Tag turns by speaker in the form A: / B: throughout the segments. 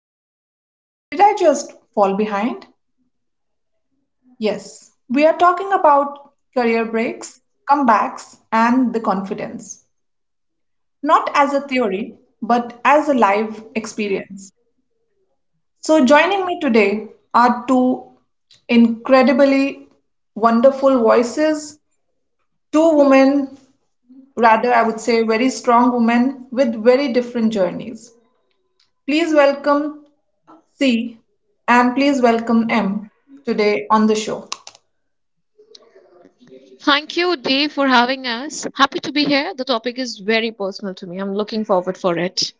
A: Quietly wondered, did I just fall behind? Yes, we are talking about career breaks, comebacks, and the confidence, not as a theory, but as a live experience. So, joining me today are two incredibly wonderful voices, two women, rather, I would say very strong women with very different journeys. Please welcome C and please welcome M today on the show.
B: Thank you, Dave, for having us. Happy to be here. The topic is very personal to me. I'm looking forward for it.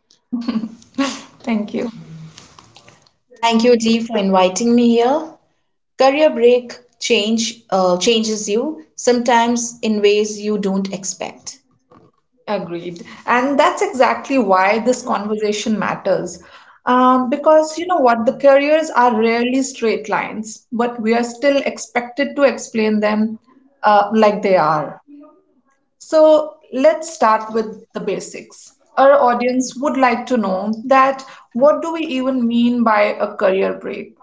A: Thank you. Thank you, Dee, for inviting me here. Career break changes you sometimes in ways you don't expect. Agreed. And that's exactly why this conversation matters. Because you know what, the careers are rarely straight lines, but we are still expected to explain them like they are. So let's start with the basics. Our audience would like to know that what do we even mean by a career break?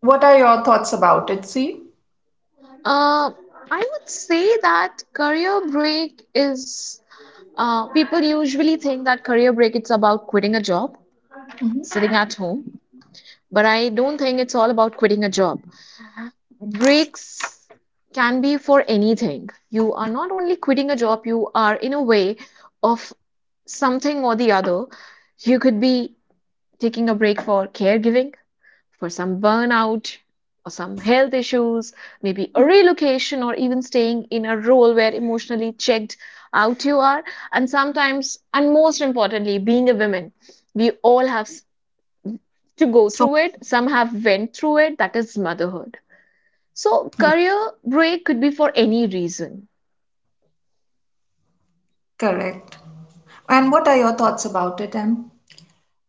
A: What are your thoughts about it? See?
B: Uh, I would say that career break is people usually think that career break it's about quitting a job,
A: hmm
B: sitting at home, but I don't think it's all about quitting a job. Breaks can be for anything. You are not only quitting a job, you are in a way of something or the other. You could be taking a break for caregiving, for some burnout or some health issues, maybe a relocation, or even staying in a role where emotionally checked out you are. And sometimes, and most importantly, being a woman, we all have to go
A: So,
B: through it. Some have went through it. That is motherhood. So
A: yeah,
B: career break could be for any reason.
A: correct. And what are your thoughts about it, Em?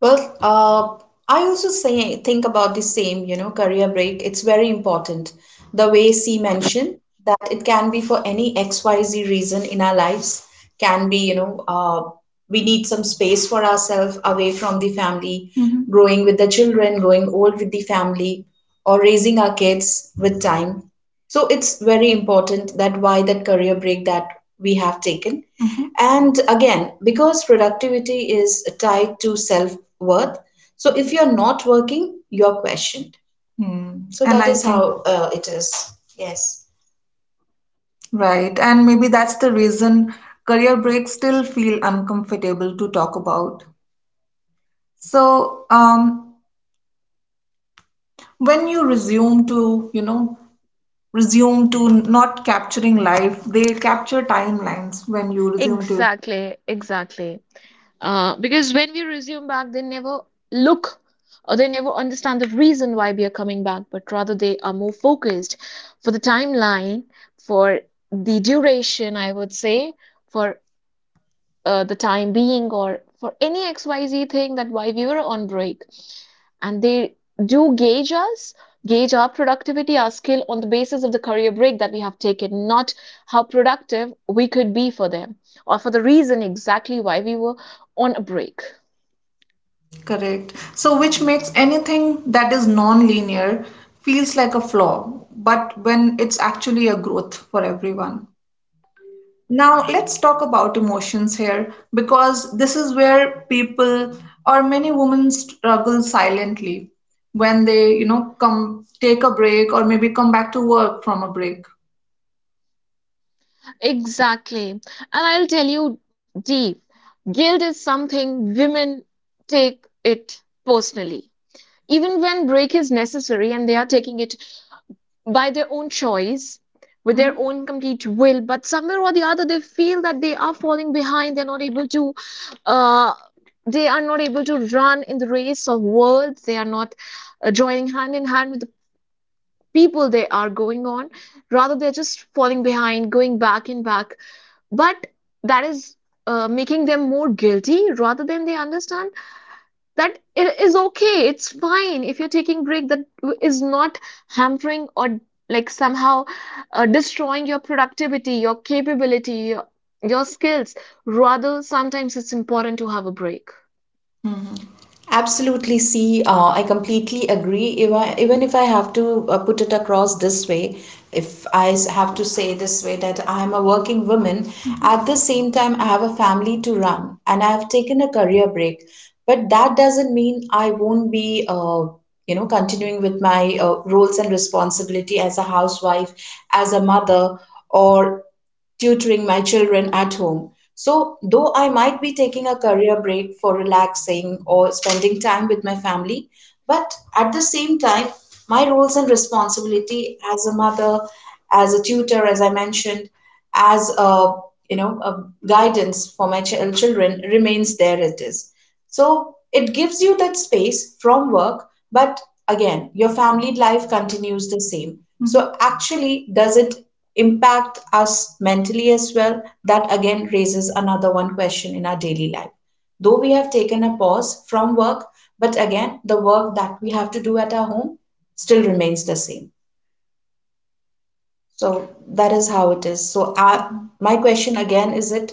A: Well, I also say think about the same, career break. It's very important. The way C mentioned that it can be for any XYZ reason in our lives, can be, we need some space for ourselves away from the family, growing with the children, growing old with the family or raising our kids with time. So it's very important that why that career break that we have taken. Mhm. And again, because productivity is tied to self worth, so if you're not working, you're questioned. Hmm. So and that I is think, how it is. Yes. Right, and maybe that's the reason career breaks still feel uncomfortable to talk about. So, when you resume to not capturing life, they capture timelines when you resume to your work.
B: Exactly, exactly. Because when we resume back, they never look or they never understand the reason why we are coming back, but rather they are more focused for the timeline, for the duration, I would say, for the time being, or for any XYZ thing that why we were on break. And they do gauge us, gauge our productivity, our skill on the basis of the career break that we have taken, not how productive we could be for them or for the reason exactly why we were on a break.
A: Correct, so which makes anything that is non-linear feels like a flaw, but when it's actually a growth for everyone. Now let's talk about emotions here, because this is where people or many women struggle silently when they come take a break or maybe come back to work from a break.
B: Exactly. And I'll tell you, Dee, guilt is something women take it personally. Even when break is necessary and they are taking it by their own choice, with their
A: Mm-hmm.
B: own complete will, but somewhere or the other they feel that they are falling behind, they're not able to, uh they are not able to run in the race of worlds, they are not joining hand in hand with the people they are going on. Rather, they're just falling behind, going back and back, but that is making them more guilty, rather than they understand that it is okay, it's fine if you're taking break, that is not hampering or like somehow destroying your productivity, your capability, your skills. Rather, sometimes it's important to have a break.
A: Absolutely. See, I completely agree. If I, even if I have to put it across this way, if I have to say this way that I am a working woman, at the same time, I have a family to run and I have taken a career break. But that doesn't mean I won't be continuing with my roles and responsibility as a housewife, as a mother, or tutoring my children at home. So, though I might be taking a career break for relaxing or spending time with my family, but at the same time, my roles and responsibility as a mother, as a tutor, as I mentioned, as a you know a guidance for my children remains there. It is so it gives you that space from work, but again, your family life continues the same. So actually, does it impact us mentally as well, that again raises another one question in our daily life. Though we have taken a pause from work, but again, the work that we have to do at our home still remains the same. So that is how it is. So my question again is it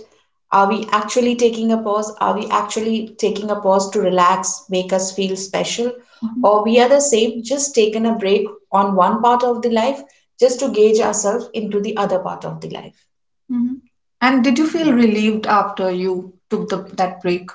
A: are we actually taking a pause? Are we actually taking a pause to relax, make us feel special? Mhm. Or we are the same, just taken a break on one part of the life just to gauge ourselves into the other part of the life. Mhm. And did you feel relieved after you took that break?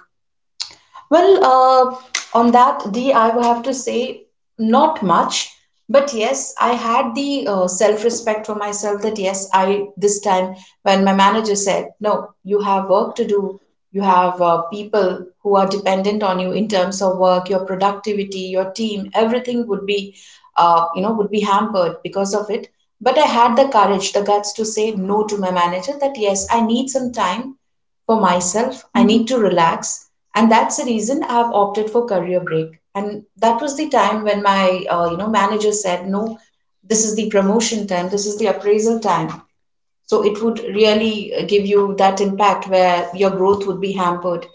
A: Well, on that, D, I would have to say not much, but yes, I had the self-respect for myself that yes, I this time when my manager said, no, you have work to do, you have people who are dependent on you in terms of work, your productivity, your team, everything would be hampered because of it. But I had the courage, the guts to say no to my manager that yes, I need some time for myself. I need to relax. And that's the reason I've opted for career break. And that was the time when my manager said, no, this is the promotion time, this is the appraisal time. So it would really give you that impact where your growth would be hampered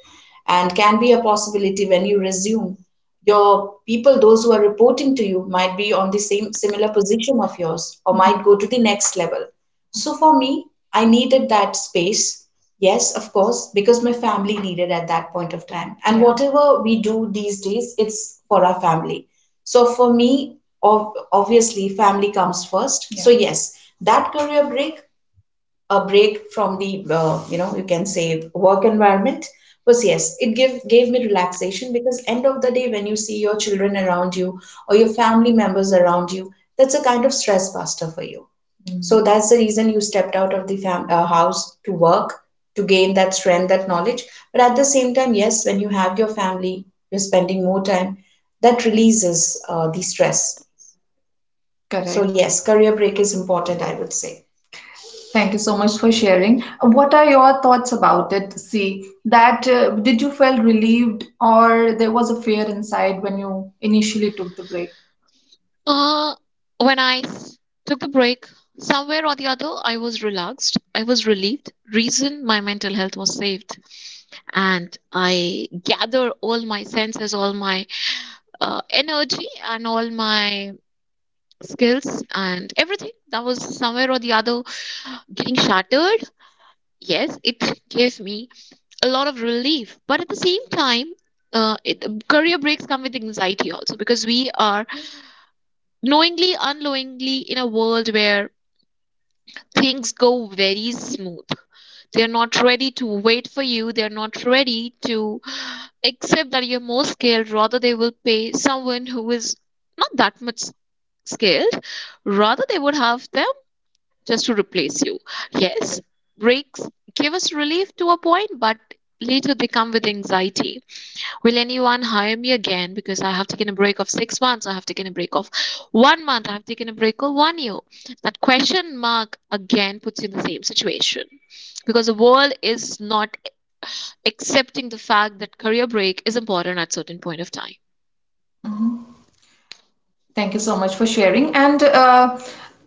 A: and can be a possibility when you resume. Your people, those who are reporting to you, might be on the same similar position of yours or might go to the next level. So for me, I needed that space. Yes, of course, because my family needed at that point of time. And, yeah, whatever we do these days, it's for our family. So for me, obviously, family comes first. Yeah. So yes, that career break, a break from the you can say work environment, was, yes, it give gave me relaxation, because end of the day when you see your children around you or your family members around you, that's a kind of stress buster for you. So that's the reason you stepped out of the house to work to gain that strength, that knowledge, but at the same time, yes, when you have your family, you're spending more time, that releases the stress, so correct, yes, career break is important, I would say. Thank you so much for sharing. What are your thoughts about it? See, that did you feel relieved or there was a fear inside when you initially took the break?
B: Uh, when I took the break, somewhere or the other, I was relaxed. I was relieved. Reason my mental health was saved. And I gather all my senses, all my energy, and all my skills and everything that was somewhere or the other getting shattered. Yes, it gave me a lot of relief, but at the same time, career breaks come with anxiety also because we are knowingly unknowingly in a world where things go very smooth. They're not ready to wait for you, they're not ready to accept that you're more skilled. Rather, they will pay someone who is not that much skilled, rather they would have them just to replace you. Yes, breaks give us relief to a point, but later they come with anxiety. Will anyone hire me again? Because I have taken a break of 6 months, I have taken a break of 1 month, I have taken a break of 1 year. That question mark again puts you in the same situation because the world is not accepting the fact that career break is important at certain point of time.
A: Mhm. Thank you so much for sharing. And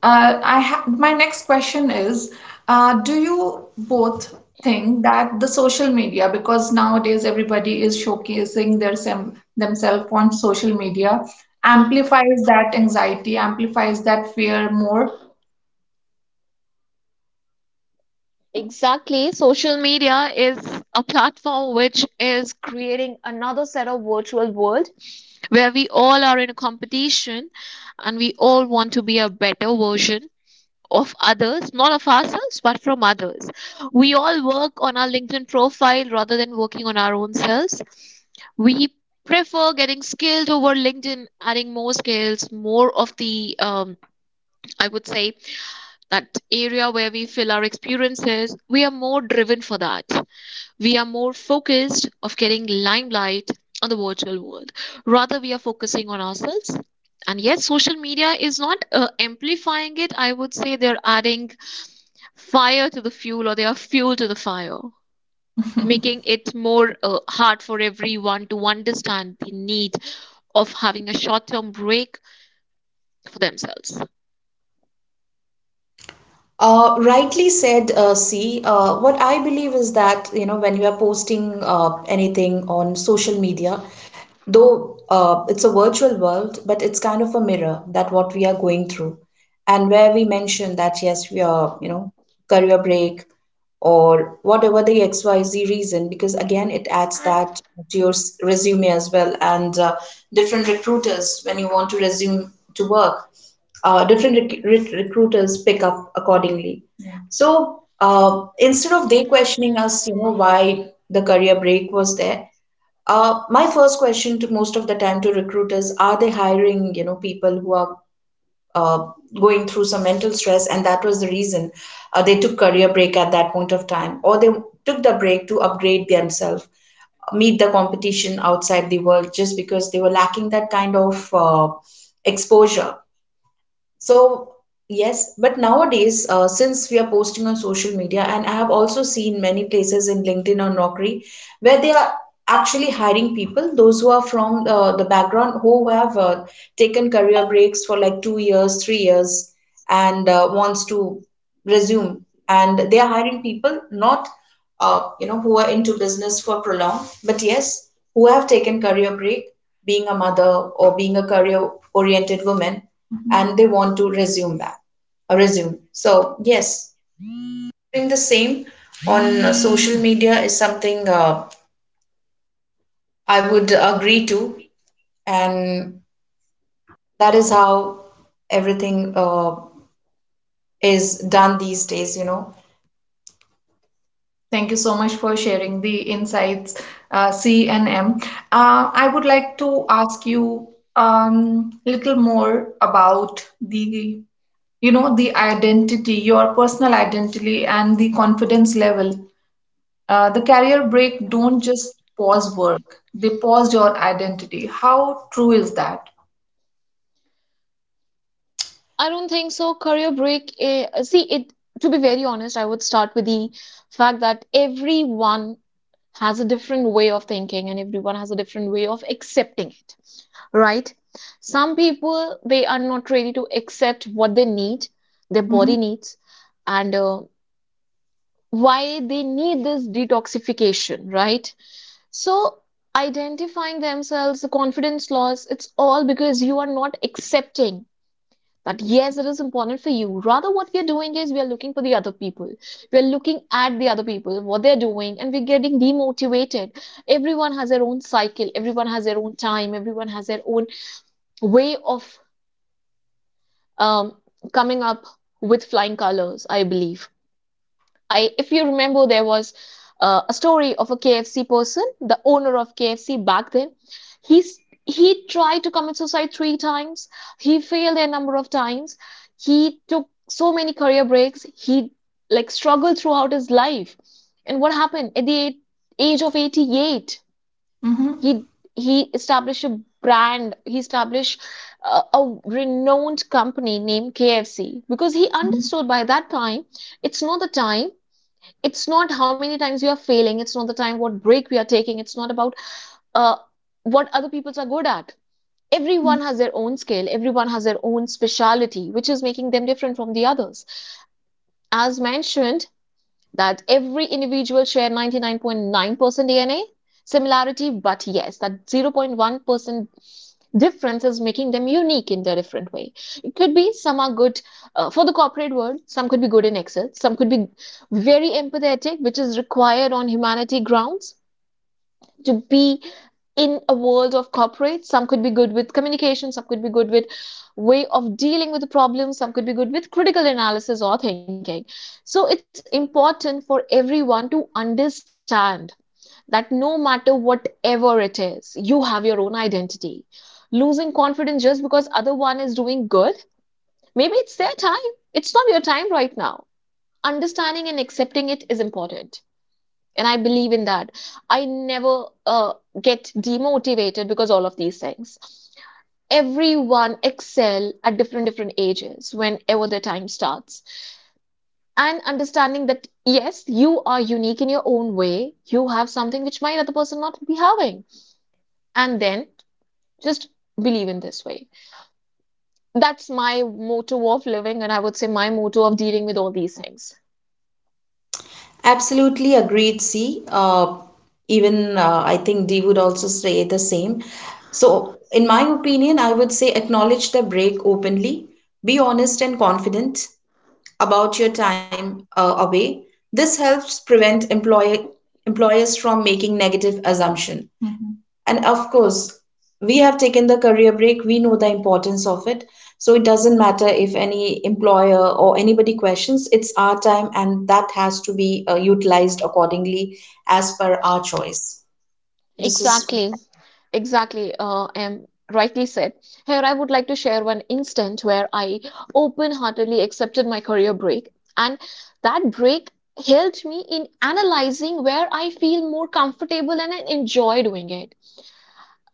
A: uh, I ha my next question is, do you both think that the social media, because nowadays everybody is showcasing their sem themselves on social media, amplifies that anxiety, amplifies that fear more?
B: Exactly. Social media is a platform which is creating another set of virtual world where we all are in a competition and we all want to be a better version of others, not of ourselves, but from others. We all work on our LinkedIn profile rather than working on our own selves. We prefer getting skilled over LinkedIn, adding more skills, more of the, I would say, that area where we fill our experiences. We are more driven for that. We are more focused of getting limelight on the virtual world. Rather, we are focusing on ourselves, and yet, social media is not amplifying it. I would say they're adding fire to the fuel, or they are fuel to the fire, making it more hard for everyone to understand the need of having a short term break for themselves.
A: Rightly said, C. What I believe is that, you know, when you are posting anything on social media, though it's a virtual world, but it's kind of a mirror that what we are going through. And where we mention that, yes, we are, career break or whatever the XYZ reason, because again, it adds that to your resume as well. And different recruiters, when you want to resume to work, different recruiters pick up accordingly. Yeah. So instead of they questioning us, you know, why the career break was there, my first question to most of the time to recruiters, are they hiring, you know, people who are uh, going through some mental stress, and that was the reason they took career break at that point of time, or they took the break to upgrade themselves, meet the competition outside the world, just because they were lacking that kind of exposure. So, yes, but nowadays, since we are posting on social media, and I have also seen many places in LinkedIn or Naukri where they are actually hiring people, those who are from the background who have taken career breaks for like 2 years, 3 years, and wants to resume. And they are hiring people not, who are into business for prolong, but yes, who have taken career break being a mother or being a career oriented woman. Mm-hmm. And they want to resume back resume, so is done these days, you know. Thank you so much for sharing the insights, C and M. I would like to ask you little more about the identity, your personal identity, and the confidence level. The career break don't just pause work; they pause your identity. How true is that?
B: I don't think so. Career break, see, it to be very honest, I would start with the fact that everyone has a different way of thinking and everyone has a different way of accepting it, right? Some people they are not ready to accept what they need, their
A: Mm-hmm.
B: body needs, and why they need this detoxification, right? So, identifying themselves, the confidence loss, it's all because you are not accepting that, yes, it is important for you. Rather, what we are doing is we are looking for the other people. We are looking at the other people, what they're doing, and we're getting demotivated. Everyone has their own cycle, everyone has their own time, everyone has their own way of um, coming up with flying colors, I believe. If you remember, there was a story of a KFC person, the owner of KFC back then. He's he tried to commit suicide three times. He failed a number of times. He took so many career breaks. He like struggled throughout his life. And what happened at the age of 88?
A: Mm-hmm.
B: He established a brand. He established a renowned company named KFC because he
A: Mm-hmm.
B: understood by that time, it's not the time, it's not how many times you are failing, it's not the time what break we are taking, it's not about uh, what other people are good at.
A: Mm-hmm.
B: Everyone has their own skill, everyone has their own speciality, which is making them different from the others. As mentioned, that every individual share 99.9% DNA similarity, but yes, that 0.1% difference is making them unique in their different way. It could be some are good for the corporate world, some could be good in Excel, some could be very empathetic, which is required on humanity grounds to be in a world of corporate. Some could be good with communication, some could be good with way of dealing with the problem, some could be good with critical analysis or thinking. So it's important for everyone to understand that no matter whatever it is, you have your own identity. Losing confidence just because other one is doing good, maybe it's their time. It's not your time right now. Understanding and accepting it is important. And I believe in that. I never get demotivated because all of these things. Everyone excel at different different ages whenever their time starts. And understanding that yes, you are unique in your own way. You have something which might other person not be having, and then just believe in this way. That's my motto of living, and I would say my motto of dealing with all these things.
A: Absolutely agreed, C. Even I think D would also say the same. So, in my opinion, I would say acknowledge the break openly, be honest and confident about your time away. This helps prevent employee employers from making negative assumption. And of course, we have taken the career break. We know the importance of it. So it doesn't matter if any employer or anybody questions, it's our time and that has to be utilized accordingly as per our choice. This is
B: Exactly, exactly. Em rightly said. Here, I would like to share one instant where I open-heartedly accepted my career break, and that break helped me in analyzing where I feel more comfortable and I enjoy doing it.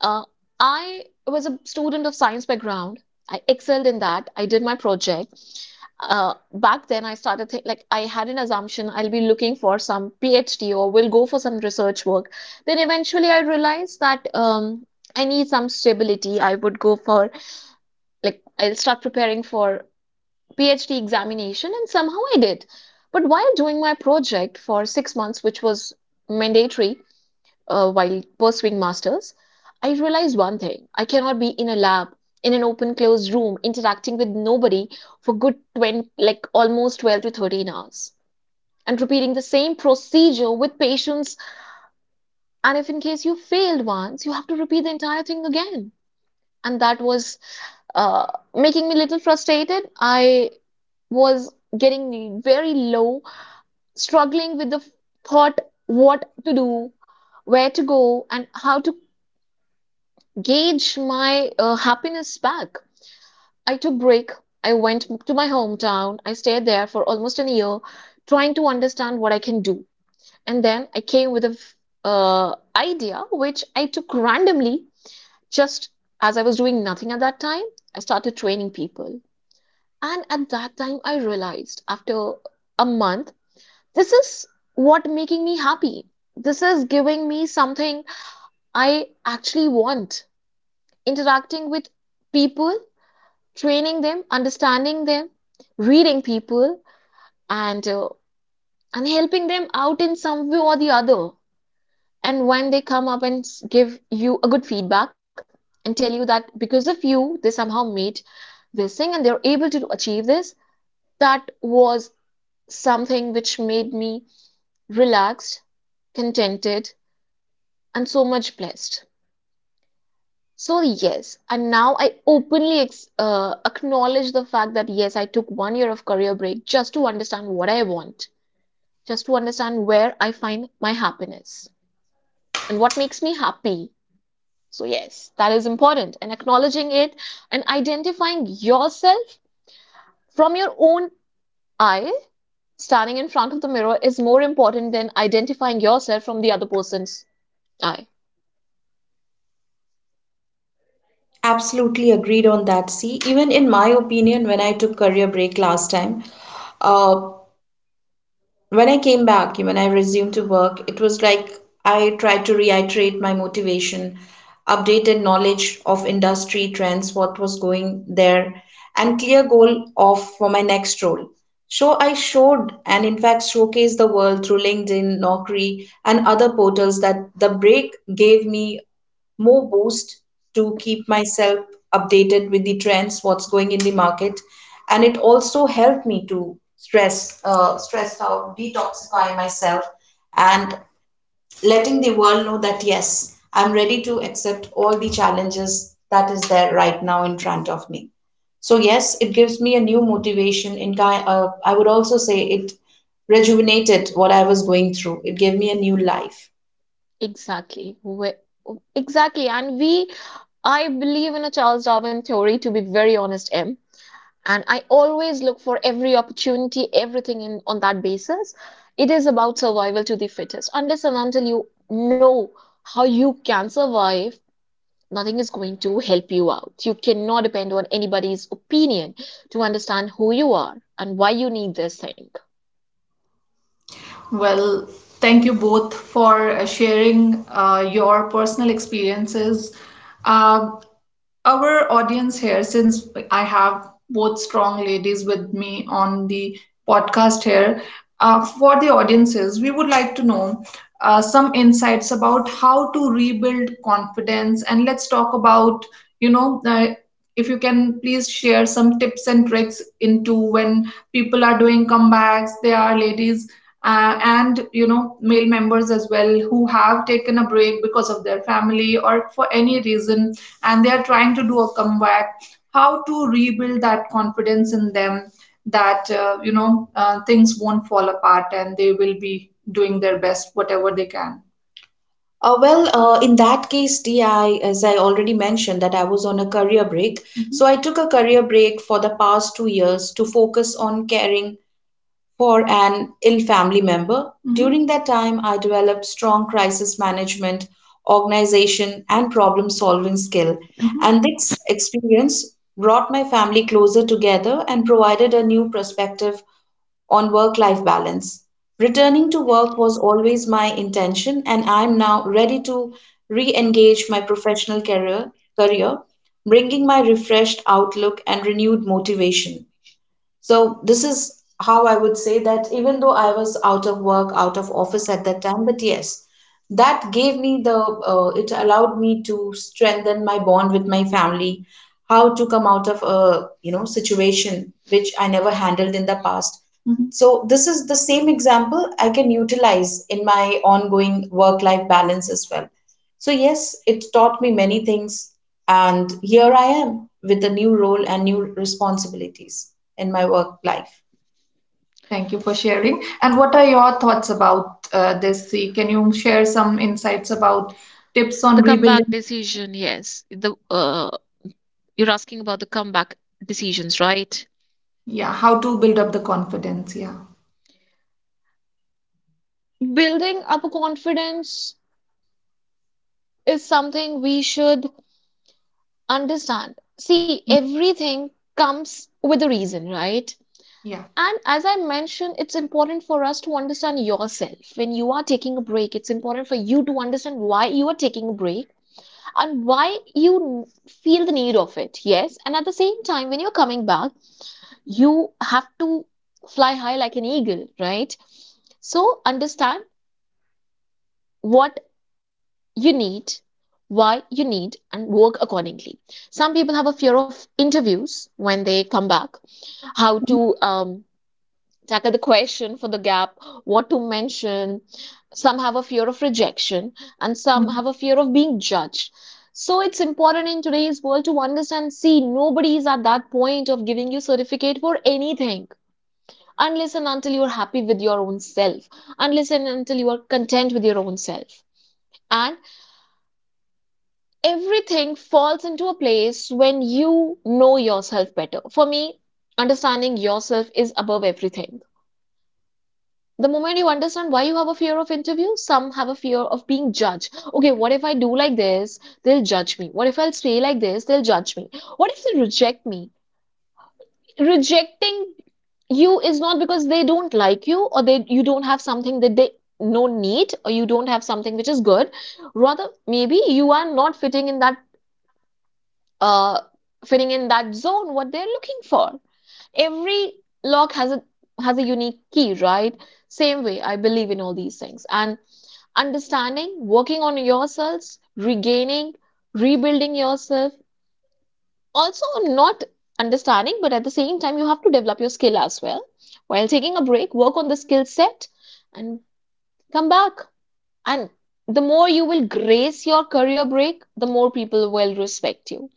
B: Uh, I was a student of science background. I excelled in that. I did my project. Back then I started think like I had an assumption I'll be looking for some PhD or will go for some research work. Then eventually I realized that I need some stability. I would go for like I'll start preparing for PhD examination, and somehow I did. But while doing my project for 6 months, which was mandatory, while pursuing masters, I realized one thing. I cannot be in a lab, in an open closed room, interacting with nobody for good 20, like almost 12 to 13 hours, and repeating the same procedure with patients. And if in case you failed once, you have to repeat the entire thing again. And that was uh, making me a little frustrated. I was getting very low, struggling with the thought what to do, where to go, and how to gauge my happiness back. I took break. I went to my hometown. I stayed there for almost a year, trying to understand what I can do. And then I came with a idea which I took randomly, just as I was doing nothing at that time. I started training people, and at that time I realized after a month, this is what making me happy. This is giving me something I actually want. Interacting with people, training them, understanding them, reading people, and uh, and helping them out in some way or the other. And when they come up and give you a good feedback and tell you that because of you, they somehow made this thing and they're able to achieve this, that was something which made me relaxed, contented, and so much blessed. So yes, and now I openly ex acknowledge the fact that yes, I took 1 year of career break just to understand what I want, just to understand where I find my happiness and what makes me happy. So yes, that is important. And acknowledging it and identifying yourself from your own eye, standing in front of the mirror is more important than identifying yourself from the other person's eye.
A: absolutely agreed on that. See, even in my opinion, when I took career break last time, uh, when I came back, when I resumed to work, it was like I tried to reiterate my motivation, updated knowledge of industry trends, what was going there, and clear goal of for my next role. So I showed and in fact showcased the world through LinkedIn, Naukri, and other portals that the break gave me more boost to keep myself updated with the trends, what's going in the market, and it also helped me to stress stress out, detoxify myself, and letting the world know that yes, I'm ready to accept all the challenges that is there right now in front of me. So yes, it gives me a new motivation. I would also say it rejuvenated what I was going through. It gave me a new life.
B: Exactly. Exactly. And we, I believe in a Charles Darwin theory, to be very honest. M. And I always look for every opportunity, everything in, on that basis. It is about survival to the fittest. Unless and until you know how you can survive, nothing is going to help you out. You cannot depend on anybody's opinion to understand who you are and why you need this thing.
A: Well, thank you both for sharing your personal experiences. Uh, our audience here, since I have both strong ladies with me on the podcast here, for the audiences, we would like to know some insights about how to rebuild confidence. And let's talk about, you know, uh, if you can please share some tips and tricks into when people are doing comebacks, they are ladies and male members as well who have taken a break because of their family or for any reason and they are trying to do a comeback, how to rebuild that confidence in them that things won't fall apart and they will be doing their best whatever they can. In that case, Di, as I already mentioned, that I was on a career break. So. Mhm. I took a career break for the past 2 years to focus on caring for an ill family member. Mhm. During that time, I developed strong crisis management, organization, and problem solving skill. Mhm. And this experience brought my family closer together and provided a new perspective on work life balance. Returning to work was always my intention, and I am now ready to re engage my professional career, bringing my refreshed outlook and renewed motivation. So this is how I would say that even though I was out of work, out of office at that time, but yes, that gave me the it allowed me to strengthen my bond with my family, how to come out of a situation which I never handled in the past. Mhm. So, this is the same example I can utilize in my ongoing work life balance as well. So, yes, it taught me many things, and here I am with a new role and new responsibilities in my work life. Thank you for sharing. And what are your thoughts about this? See, can you share some insights about tips on
B: The comeback
A: rebuilding?
B: decision, yes. The You're asking about the comeback decisions, right?
A: Yeah, how to build up the confidence. Yeah,
B: Building up confidence is something we should understand. See, everything comes with a reason, right?
A: yeah.
B: And as I mentioned, it's important for us to understand yourself. When you are taking a break, it's important for you to understand why you are taking a break and why you feel the need of it. Yes. And at the same time, when you're coming back, you have to fly high like an eagle, right? So understand what you need, why you need, and work accordingly. Some people have a fear of interviews when they come back, how to tackle the question for the gap, what to mention. Some have a fear of rejection, and some have
A: Mhm.
B: a fear of being judged. So it's important in today's world to understand, see, nobody is at that point of giving you certificate for anything unless and until you're happy with your own self, unless and until you are content with your own self. And everything falls into a place when you know yourself better. For me, understanding yourself is above everything. The moment you understand why you have a fear of interview, some have a fear of being judged. Okay, what if I do like this? They'll judge me. What if I'll say like this? They'll judge me. What if they reject me? Rejecting you is not because they don't like you or they you don't have something that they no need, or you don't have something which is good, rather maybe you are not fitting in that uh zone what they're looking for. Every lock has a unique key, right? Same way, I believe in all these things, and understanding, working on yourselves, regaining, rebuilding yourself. Also, not understanding, but at the same time, you have to develop your skill as well. While taking a break, work on the skill set and come back. And the more you will grace your career break, the more people will respect you.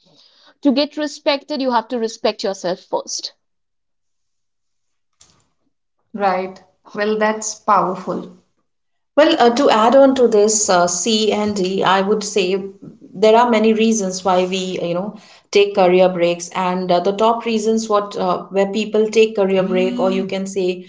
B: To get respected, you have to respect yourself first.
A: Right. Well, that's powerful. Well, to add on to this C and D, I would say there are many reasons why we, you know, take career breaks, and the top reasons what where people take career break, or you can say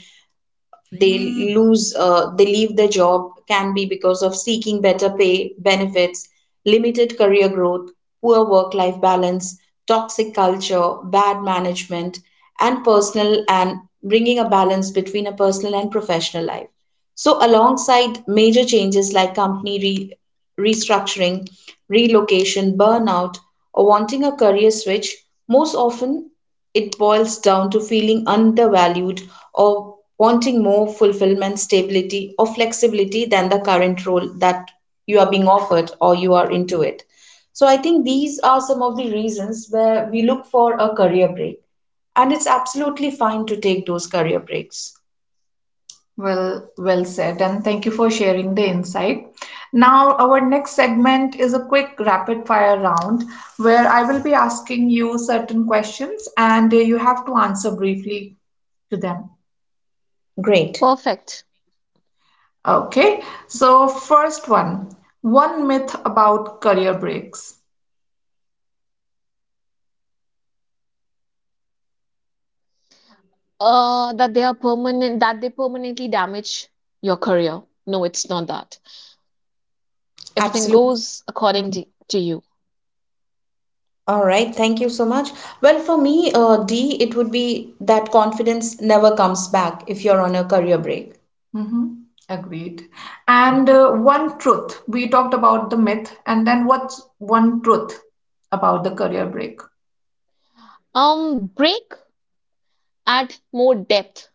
A: they lose they leave their job can be because of seeking better pay benefits limited career growth poor work life balance toxic culture bad management and personal and bringing a balance between a personal and professional life so alongside major changes like company restructuring relocation burnout or wanting a career switch most often it boils down to feeling undervalued or wanting more fulfillment, stability, or flexibility than the current role that you are being offered or you are into it. So I think these are some of the reasons where we look for a career break. And it's absolutely fine to take those career breaks. Well, well said, and thank you for sharing the insight. Now, our next segment is a quick rapid fire round where I will be asking you certain questions and you have to answer briefly to them. Great.
B: Perfect.
A: Okay, so first one, one myth about career breaks.
B: That they are permanent, that they permanently damage your career. No, it's not that. Everything
A: Absolutely.
B: goes according to you.
A: All right, thank you so much. Well, for me, D, it would be that confidence never comes back if you're on a career break. Mm-hmm. Agreed. And one truth. We talked about the myth, and then what's one truth about the career break?
B: Break add more depth.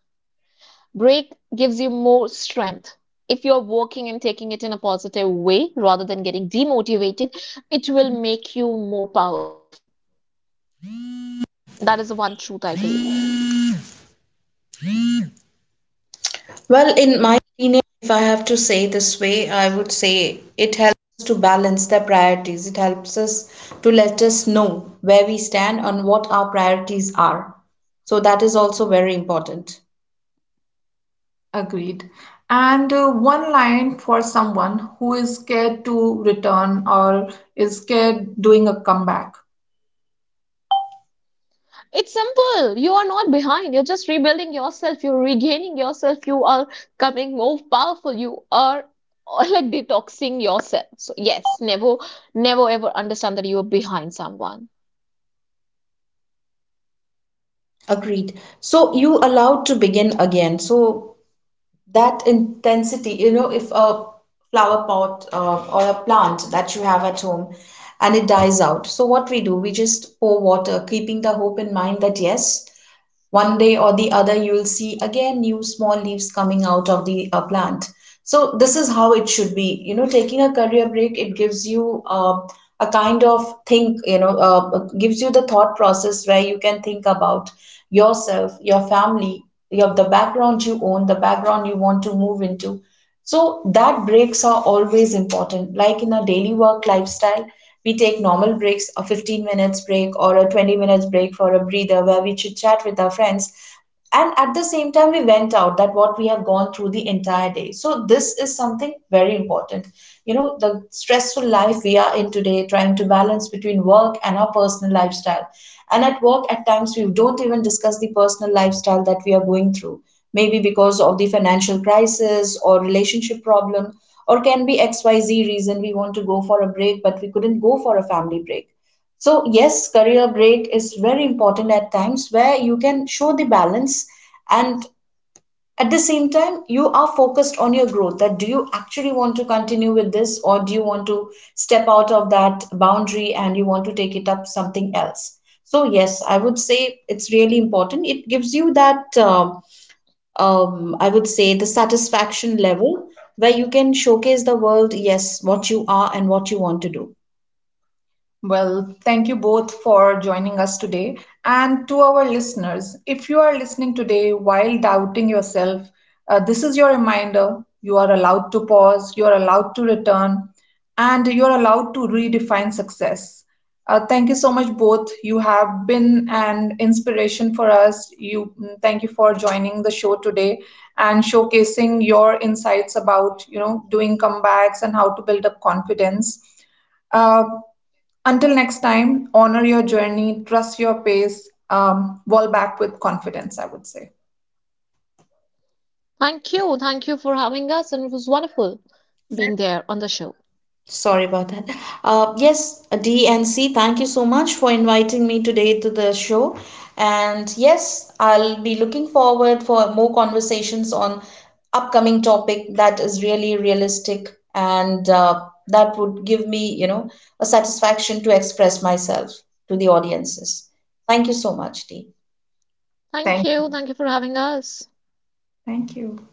B: Break gives you more strength. If you're working and taking it in a positive way rather than getting demotivated, it will make you more powerful. That is the one truth I believe.
A: To let us know where we stand and what our priorities are. So that is also very important. Agreed. And one line for someone who is scared to return or is scared doing a comeback.
B: It's simple. You are not behind. You're just rebuilding yourself. You're regaining yourself. You are becoming more powerful. You are like detoxing yourself. So, yes, never, never ever understand that you are behind someone.
A: Agreed. So you allowed to begin again. So that intensity, you know, if a flower pot or a plant that you have at home and it dies out, so what we do, we just pour water, keeping the hope in mind that yes, one day or the other you'll see again new small leaves coming out of the plant. So this is how it should be. You know, taking a career break, it gives you a kind of think, gives you the thought process where you can think about yourself, your family, your the background you own, the background you want to move into. So that breaks are always important. Like in our daily work lifestyle, we take normal breaks, a 15 minutes break or a 20 minutes break for a breather where we chit chat with our friends. And at the same time, we went out that what we have gone through the entire day. So this is something very important. You know, the stressful life we are in today, trying to balance between work and our personal lifestyle. And at work, at times, we don't even discuss the personal lifestyle that we are going through maybe because of the financial crisis or relationship problem or can be xyz reason we want to go for a break but we couldn't go for a family break so yes career break is very important at times where you can show the balance and at the same time you are focused on your growth that do you actually want to continue with this or do you want to step out of that boundary and you want to take it up something else so yes I would say it's really important it gives you that I would say, the satisfaction level where you can showcase the world, yes, what you are and what you want to do. Well, thank you both for joining us today. And to our listeners, if you are listening today while doubting yourself, this is your reminder you are allowed to pause, you are allowed to return, and you are allowed to redefine success. Thank you so much, both. You have been an inspiration for us. Thank you for joining the show today and showcasing your insights about, you know, doing comebacks and how to build up confidence. Uh, until next time, honor your journey, trust your pace, wall back with confidence, I would say.
B: Thank you. Thank you for having us. And it was wonderful being there on the show.
A: Sorry about that. Yes, D and C, thank you so much for inviting me today to the show. And yes, I'll be looking forward for more conversations on upcoming topic that is really realistic and that would give me, you know, a satisfaction to express myself to the audiences. Thank you so much, Dee.
B: Thank
A: Thank
B: you.
A: you.
B: Thank you for having us.
A: Thank you.